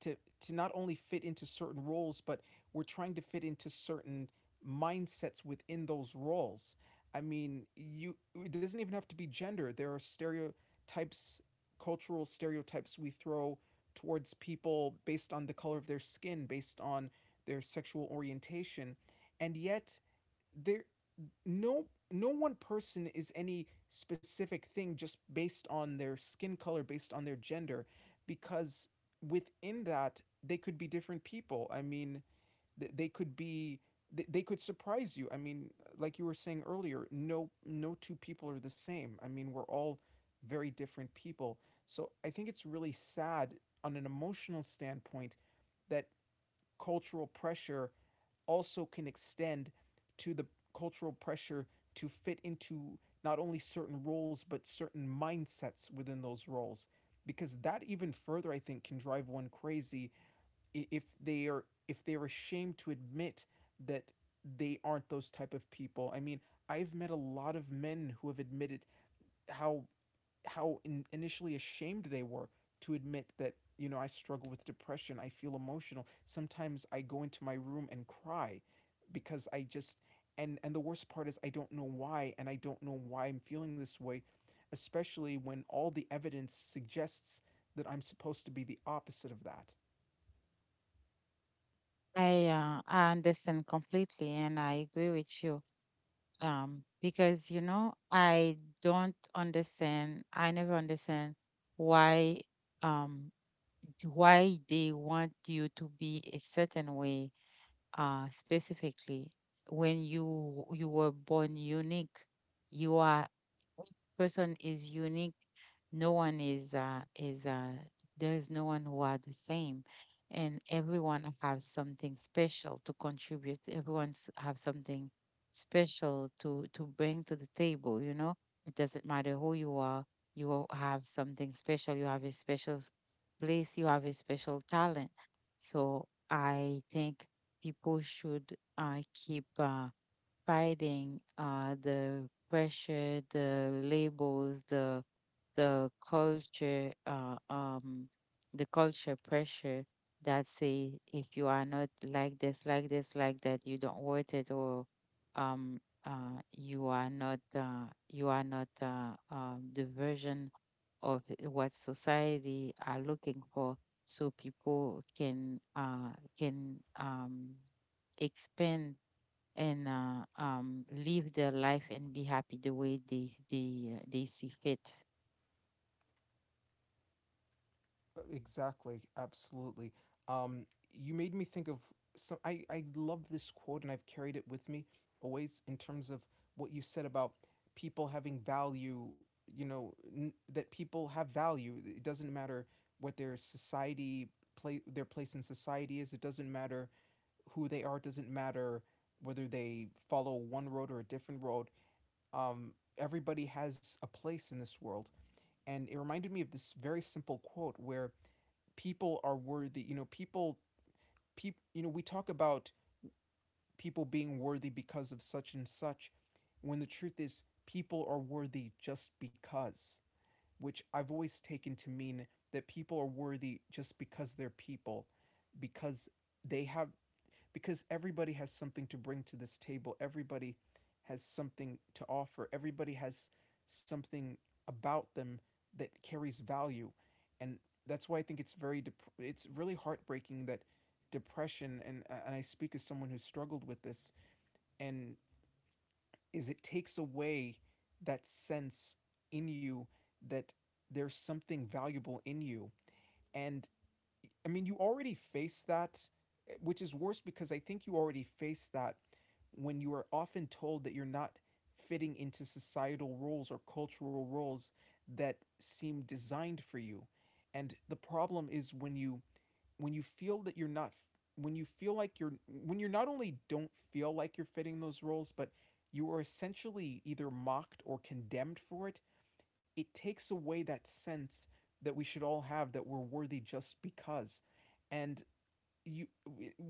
to to not only fit into certain roles but we're trying to fit into certain mindsets within those roles. I mean, you, it doesn't even have to be gender. There are stereotypes, cultural stereotypes, we throw towards people based on the color of their skin, based on their sexual orientation. And yet, there, no no one person is any specific thing just based on their skin color, based on their gender, because within that they could be different people. I mean, th- they could be, th- they could surprise you. I mean, like you were saying earlier, no no two people are the same. I mean, we're all very different people. So I think it's really sad, on an emotional standpoint, that cultural pressure also can extend to the cultural pressure to fit into not only certain roles but certain mindsets within those roles, because that even further, I think, can drive one crazy if they are, if they're ashamed to admit that they aren't those type of people. I mean, I've met a lot of men who have admitted how, how in, initially ashamed they were to admit that, you know, I struggle with depression, I feel emotional. Sometimes I go into my room and cry because I just, and and the worst part is I don't know why, and I don't know why I'm feeling this way, especially when all the evidence suggests that I'm supposed to be the opposite of that. I uh, I understand completely, and I agree with you. Um, because you know I don't understand, I never understand why, um, why they want you to be a certain way uh, specifically when you you were born unique. You are, person is unique. No one is uh, is uh, there is no one who are the same, and everyone has something special to contribute. Everyone's have something special to to bring to the table. You know, it doesn't matter who you are, you will have something special. You have a special s- place. You have a special talent. So I think people should uh, keep. Uh, fighting uh, the pressure, the labels, the the culture, uh, um, the culture pressure that say if you are not like this, like this, like that, you don't worth it, or um, uh, you are not, uh, you are not uh, um, the version of what society are looking for. So people can uh, can um, expand and uh, um, live their life and be happy the way they they uh, they see fit. Exactly, absolutely. Um, you made me think of some. I I love this quote, and I've carried it with me always in terms of what you said about people having value. You know, n- that people have value. It doesn't matter what their society play their place in society is. It doesn't matter who they are. It doesn't matter whether they follow one road or a different road. Um, Everybody has a place in this world, and it reminded me of this very simple quote where people are worthy. You know, people, people, you know, we talk about people being worthy because of such and such, when the truth is people are worthy just because. Which I've always taken to mean that people are worthy just because they're people, because they have, because everybody has something to bring to this table. Everybody has something to offer. Everybody has something about them that carries value. And that's why I think it's very dep- it's really heartbreaking that depression, and uh, and I speak as someone who's struggled with this, and is it takes away that sense in you that there's something valuable in you. And I mean, you already face that, eh, which is worse because I think you already face that when you are often told that you're not fitting into societal roles or cultural roles that seem designed for you. And the problem is when you, when you feel that you're not, when you feel like you're, when you not only don't feel like you're fitting those roles, but you are essentially either mocked or condemned for it, it takes away that sense that we should all have that we're worthy just because. And you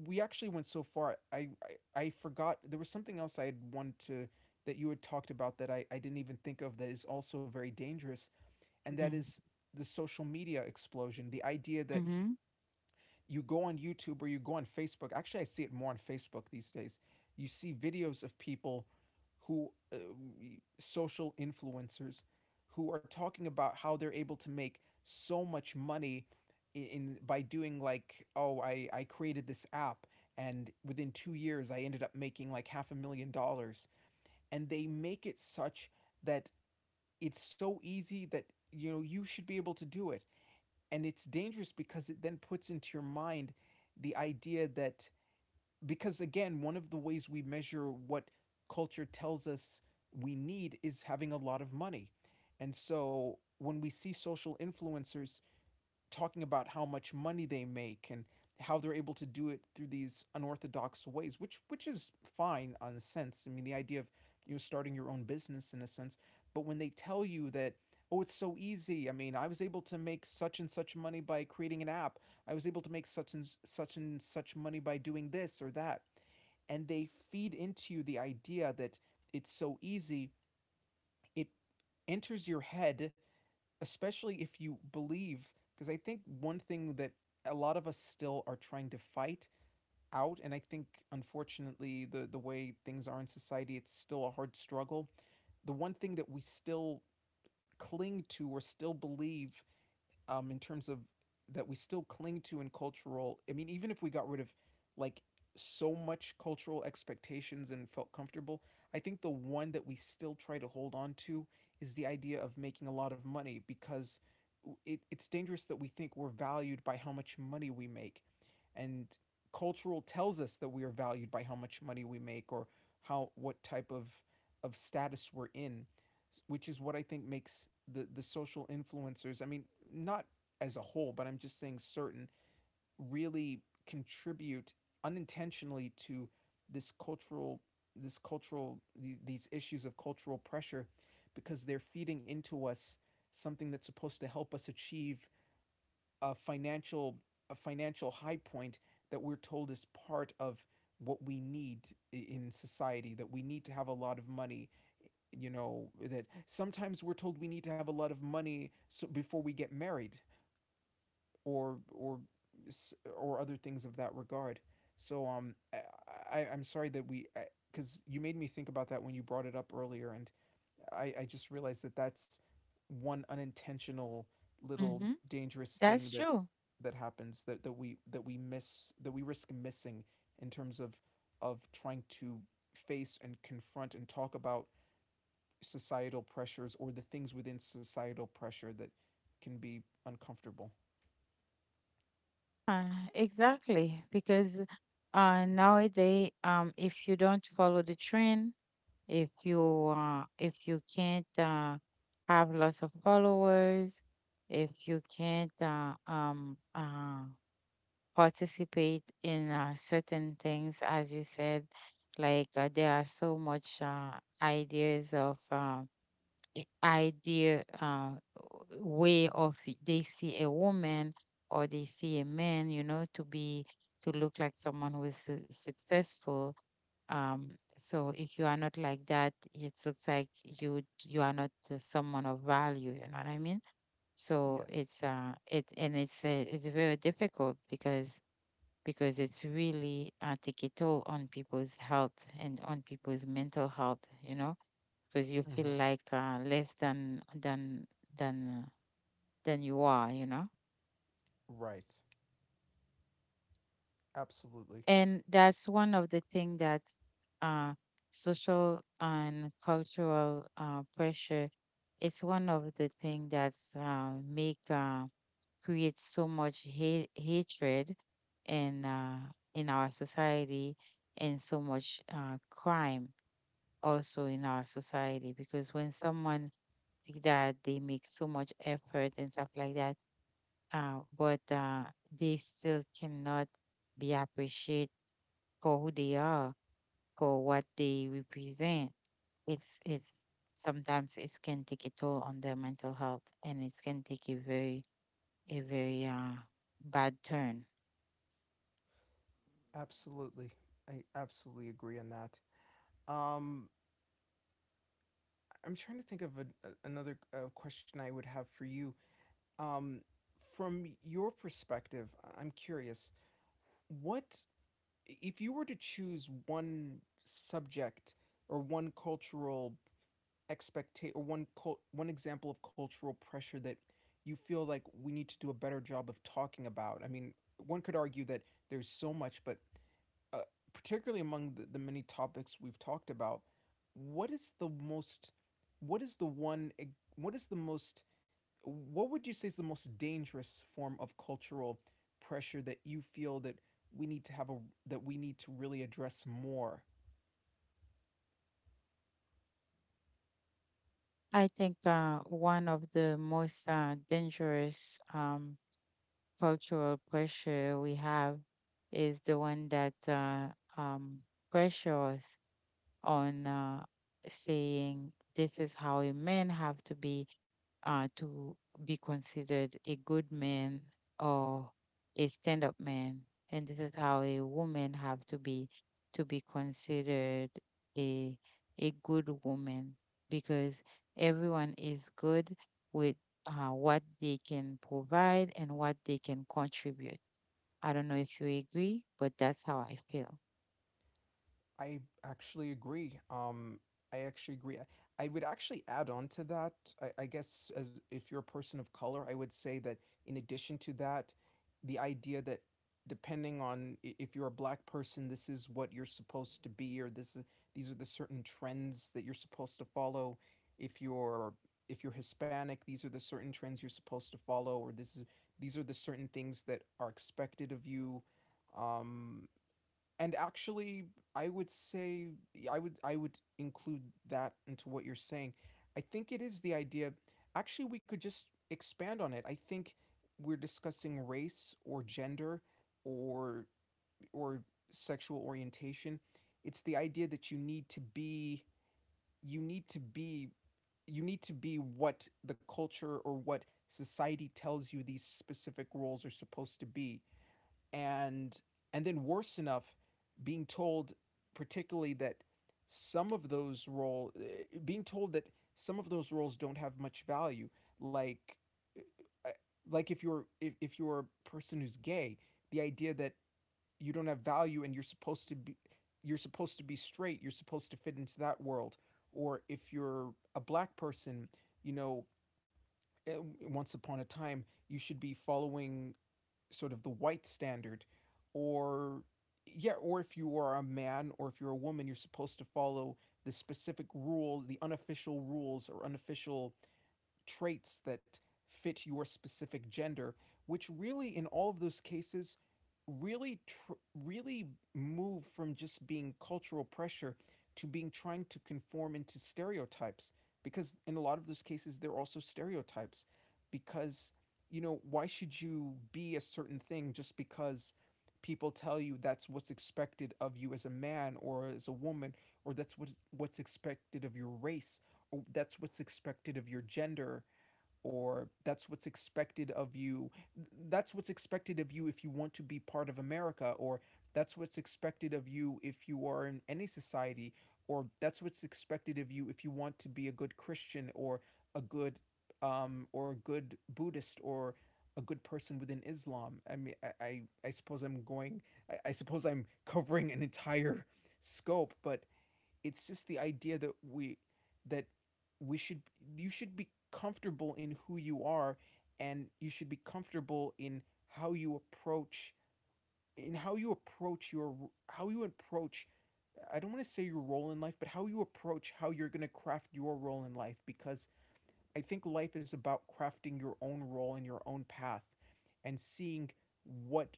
we- actually went so far, i i, I forgot there was something else I had wanted to, that you had talked about that I, I didn't even think of, that is also very dangerous. And that is the social media explosion, the idea that Mm-hmm. you go on YouTube or you go on Facebook. Actually, I see it more on Facebook these days. You see videos of people who uh, social influencers who are talking about how they're able to make so much money in, in by doing, like, oh, I I created this app, and within two years I ended up making like half a million dollars, and they make it such that it's so easy that, you know, you should be able to do it. And it's dangerous because it then puts into your mind the idea that, because again, one of the ways we measure what culture tells us we need is having a lot of money. And so when we see social influencers talking about how much money they make and how they're able to do it through these unorthodox ways, which which is fine on a sense. I mean, the idea of, you know, starting your own business in a sense, but when they tell you that, oh, it's so easy, I mean, I was able to make such and such money by creating an app, I was able to make such and such and such money by doing this or that, and they feed into you the idea that it's so easy, it enters your head, especially if you believe, because I think one thing that a lot of us still are trying to fight out, and I think unfortunately the the way things are in society, it's still a hard struggle. The one thing that we still cling to or still believe, um, in terms of, that we still cling to in cultural, I mean, even if we got rid of, like, so much cultural expectations and felt comfortable, I think the one that we still try to hold on to is the idea of making a lot of money, because it, it's dangerous that we think we're valued by how much money we make. And cultural tells us that we are valued by how much money we make, or how, what type of of status we're in, which is what I think makes the the social influencers. I mean, not as a whole, but I'm just saying certain really contribute unintentionally to this cultural this cultural these, these issues of cultural pressure because they're feeding into us something that's supposed to help us achieve a financial a financial high point that we're told is part of what we need in society, that we need to have a lot of money. You know, that sometimes we're told we need to have a lot of money so before we get married, or or or other things of that regard. so um i, I i'm sorry that we, because you made me think about that when you brought it up earlier. And i i just realized that that's one unintentional little Mm-hmm. dangerous thing That's that true. that happens, that that we that we miss, that we risk missing in terms of of trying to face and confront and talk about societal pressures, or the things within societal pressure that can be uncomfortable. Uh, exactly. Because uh, nowadays, um, if you don't follow the trend, if you uh, if you can't uh, have lots of followers, if you can't uh, um, uh, participate in uh, certain things, as you said. Like uh, there are so much uh, ideas of uh, i- idea uh, w- way of they see a woman or they see a man, you know, to be to look like someone who is su- successful. Um, so if you are not like that, it looks like you you are not uh, someone of value. You know what I mean? So Yes. it's uh it and it's uh, it's very difficult because because it's really uh, take a toll on people's health and on people's mental health. You know, because you feel Mm-hmm. like uh, less than than than than you are. You know, Right. Absolutely. and that's one of the thing that uh, social and cultural uh, pressure. It's one of the thing that's uh, make uh, create so much hate, hatred in uh, in our society and so much uh, crime also in our society because when someone like that they make so much effort and stuff like that uh, but uh, they still cannot be appreciated for who they are for what they represent. it's it's sometimes it can take a toll on their mental health and it can take a very a very uh, bad turn. Absolutely. I absolutely agree on that. Um, I'm trying to think of a, a- another uh, question I would have for you. Um, from your perspective, I- I'm curious, what, if you were to choose one subject or one cultural expectation or one cult one example of cultural pressure that you feel like we need to do a better job of talking about? I mean, one could argue that there's so much, but uh, particularly among the, the many topics we've talked about, what is the most what is the one ex- what is the most what would you say is the most dangerous form of cultural pressure that you feel that we need to have a that we need to really address more? Hello. I think uh, one of the most uh, dangerous um, cultural pressure we have is the one that uh, um, pressure on uh, saying this is how a man have to be uh, to be considered a good man or a stand-up man. And this is how a woman have to be to be considered a a good woman because everyone is good with uh, what they can provide and what they can contribute. I don't know if you agree, but that's how I feel. I actually agree. Um, I actually agree. I I would actually add on to that. I, I guess, as if you're a person of color, I would say that in addition to that, the idea that depending on i- if you're a black person, this is what you're supposed to be, or this is these are the certain trends that you're supposed to follow. If you're if you're Hispanic, these are the certain trends you're supposed to follow, or this is these are the certain things that are expected of you. Um, and actually, I would say yeah, i would I would include that into what you're saying. I think it is the idea, actually we could just expand on it. I think, we're discussing race or gender or or sexual orientation, it's the idea that you need to be you need to be you need to be what the culture or what society tells you these specific roles are supposed to be. And and then worse enough, being told, particularly, that some of those role eh, being told that some of those roles don't have much value. like eh, like if you're if, if you're a person who's gay, the idea that you don't have value and you're supposed to be you're supposed to be straight, you're supposed to fit into that world. Or if you're a black person, you know, eh, once upon a time you should be following sort of the white standard. Or Yeah, or if you are a man, or if you're a woman, you're supposed to follow the specific rules, the unofficial rules or unofficial traits that fit your specific gender, which really, in all of those cases, really, tr- really move from just being cultural pressure to being trying to conform into stereotypes. Because in a lot of those cases, they're also stereotypes. Because, you know, why should you be a certain thing just because people tell you that's what's expected of you as a man or as a woman, or that's what what's expected of your race, that's what's expected of your gender, or that's what's expected of you that's what's expected of you if you want to be part of America, or that's what's expected of you if you are in any society, or that's what's expected of you if you want to be a good Christian, or a good um or a good Buddhist, or a good person within Islam. I mean, I, I, I suppose I'm going, I, I suppose I'm covering an entire scope, but it's just the idea that we that we should, you should be comfortable in who you are, and you should be comfortable in how you approach in how you approach your how you approach, I don't want to say your role in life, but how you approach how you're going to craft your role in life. Because I think life is about crafting your own role and your own path, and seeing what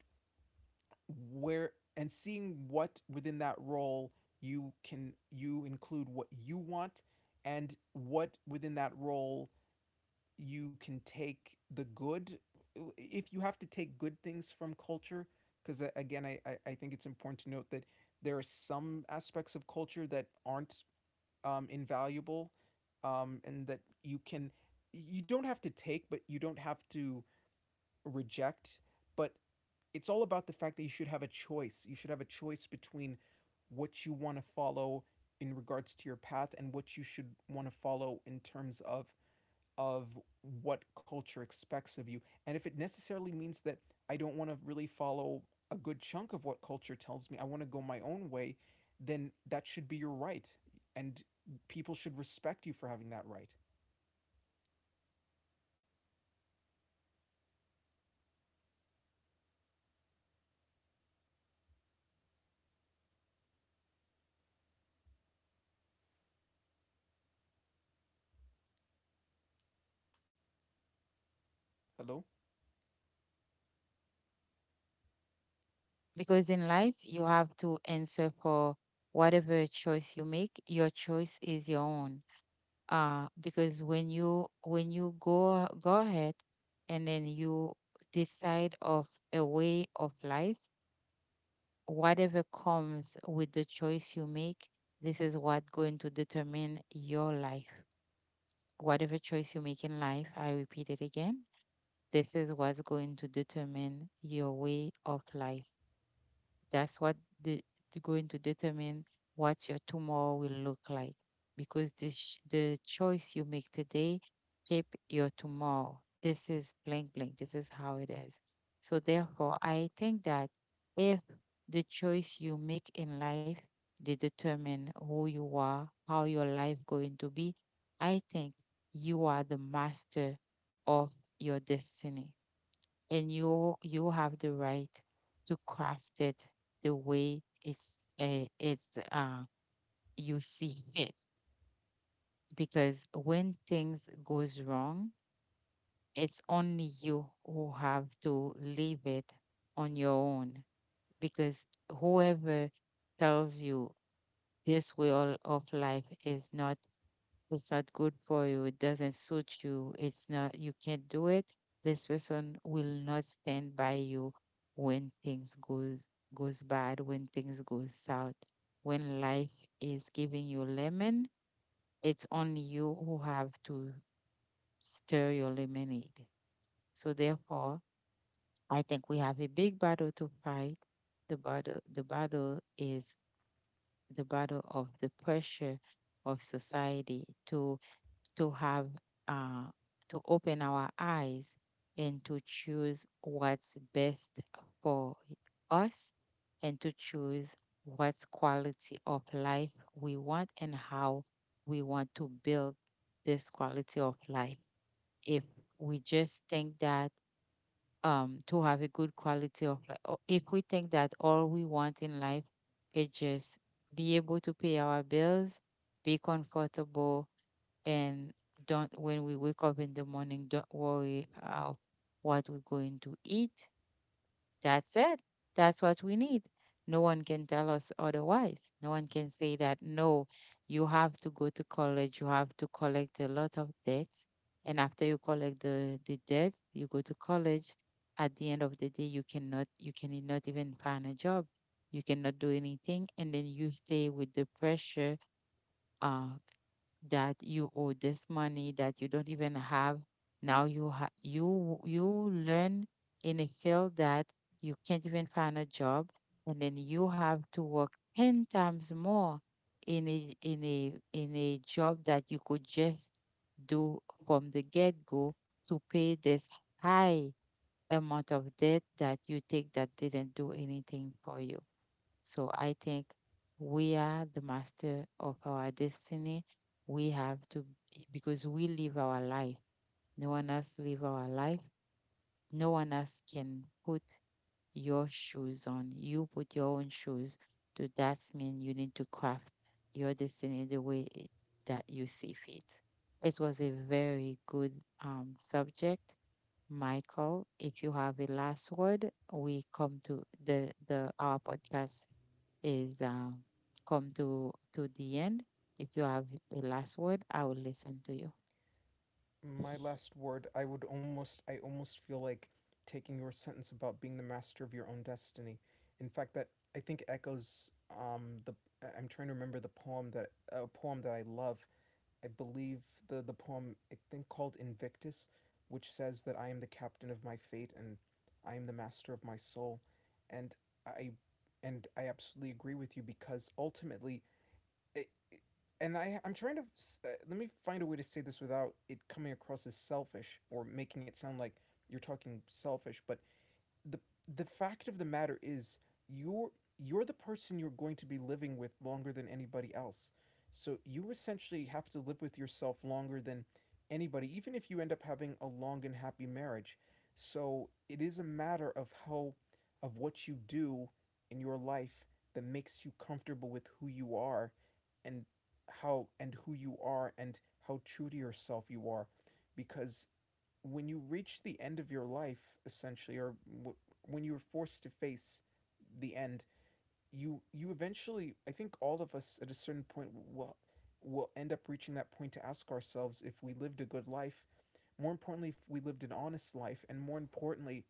where and seeing what within that role you can, you include what you want, and what within that role you can take the good, if you have to take good things from culture. Because again, I, I think it's important to note that there are some aspects of culture that aren't, um, invaluable, um, and that you can, you don't have to take, but you don't have to reject. But it's all about the fact that you should have a choice. You should have a choice between what you want to follow in regards to your path, and what you should want to follow in terms of of what culture expects of you. And if it necessarily means that I don't want to really follow a good chunk of what culture tells me, I want to go my own way, then that should be your right. And people should respect you for having that right. Hello? Because in life, you have to answer for whatever choice you make. Your choice is your own uh because when you when you go go ahead and then you decide of a way of life, whatever comes with the choice you make, this is what going to determine your life. Whatever choice you make in life, I repeat it again, this is what's going to determine your way of life. That's what the to going to determine what your tomorrow will look like because the sh- the choice you make today shape your tomorrow. This is blank blank. This is how it is. So therefore, I think that if the choice you make in life, they determine who you are, how your life going to be, I think you are the master of your destiny and you you have the right to craft it the way it's uh, it's uh, you see [laughs] fit, because when things goes wrong, it's only you who have to leave it on your own, because whoever tells you this way all of life is not, it's not good for you, it doesn't suit you, it's not, you can't do it, this person will not stand by you when things goes goes bad, when things goes south. When life is giving you lemon, it's only you who have to stir your lemonade. So therefore, I think we have a big battle to fight. The battle the battle is the battle of the pressure of society to to have uh, to open our eyes and to choose what's best for us and to choose what's quality of life we want and how we want to build this quality of life. If we just think that um to have a good quality of life, or if we think that all we want in life is just be able to pay our bills, be comfortable, and don't, when we wake up in the morning, don't worry about what we're going to eat, that's it, that's what we need. No one can tell us otherwise, no one can say that no, you have to go to college, you have to collect a lot of debts, and after you collect the the debt you go to college, at the end of the day you cannot you cannot even find a job, you cannot do anything, and then you stay with the pressure uh, that you owe this money that you don't even have. Now you ha- you you learn in a field that you can't even find a job, and then you have to work ten times more in a in a in a job that you could just do from the get-go to pay this high amount of debt that you take that didn't do anything for you. So I think we are the master of our destiny. We have to, because we live our life. No one else live our life. No one else can put your shoes on. You put your own shoes. So that means you need to craft your destiny the way it- that you see fit. It was a very good um, subject. Michael, if you have a last word, we come to the, the our podcast is um, come to to the end. If you have a last word, I will listen to you. My last word, I would almost I almost feel like taking your sentence about being the master of your own destiny. In fact, that I think echoes um the, I- am trying to remember the poem, that a poem that I love. I believe the the poem, I think, called Invictus, which says that I am the captain of my fate, and I am the master of my soul. And I and I absolutely agree with you, because ultimately, and I, I'm trying to, uh, let me find a way to say this without it coming across as selfish or making it sound like you're talking selfish, but the the fact of the matter is, you're you're the person you're going to be living with longer than anybody else. So you essentially have to live with yourself longer than anybody, even if you end up having a long and happy marriage. So it is a matter of how, of what you do in your life that makes you comfortable with who you are, and how and who you are, and how true to yourself you are. Because when you reach the end of your life, essentially, or w- when you're forced to face the end, you you eventually, I think all of us at a certain point will will end up reaching that point, to ask ourselves if we lived a good life, more importantly if we lived an honest life, and more importantly,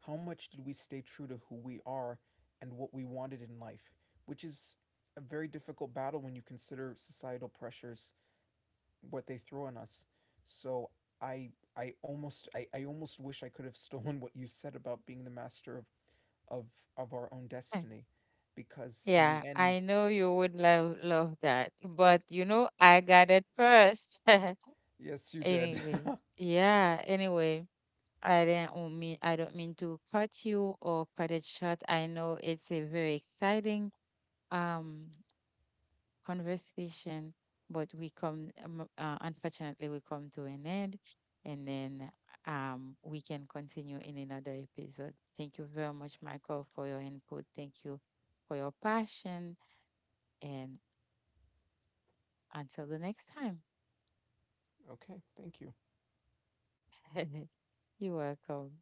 how much did we stay true to who we are and what we wanted in life, which is a very difficult battle when you consider societal pressures, what they throw on us. So I I almost, I, I almost wish I could have [laughs] stolen what you said about being the master of of of our own destiny, [laughs] because in Yeah, the I end, know you would love love that, but you know I got it first. [laughs] yes you did. Anyway, yeah, anyway, I didn't w- mean I don't mean to cut you or cut it short. I know it's a very exciting um conversation, but we come, um, uh, unfortunately, we come to an end, and then um, we can continue in another episode. Thank you very much, Michael, for your input. Thank you for your passion, and until the next time. [laughs] Okay, thank you. [laughs] You're welcome.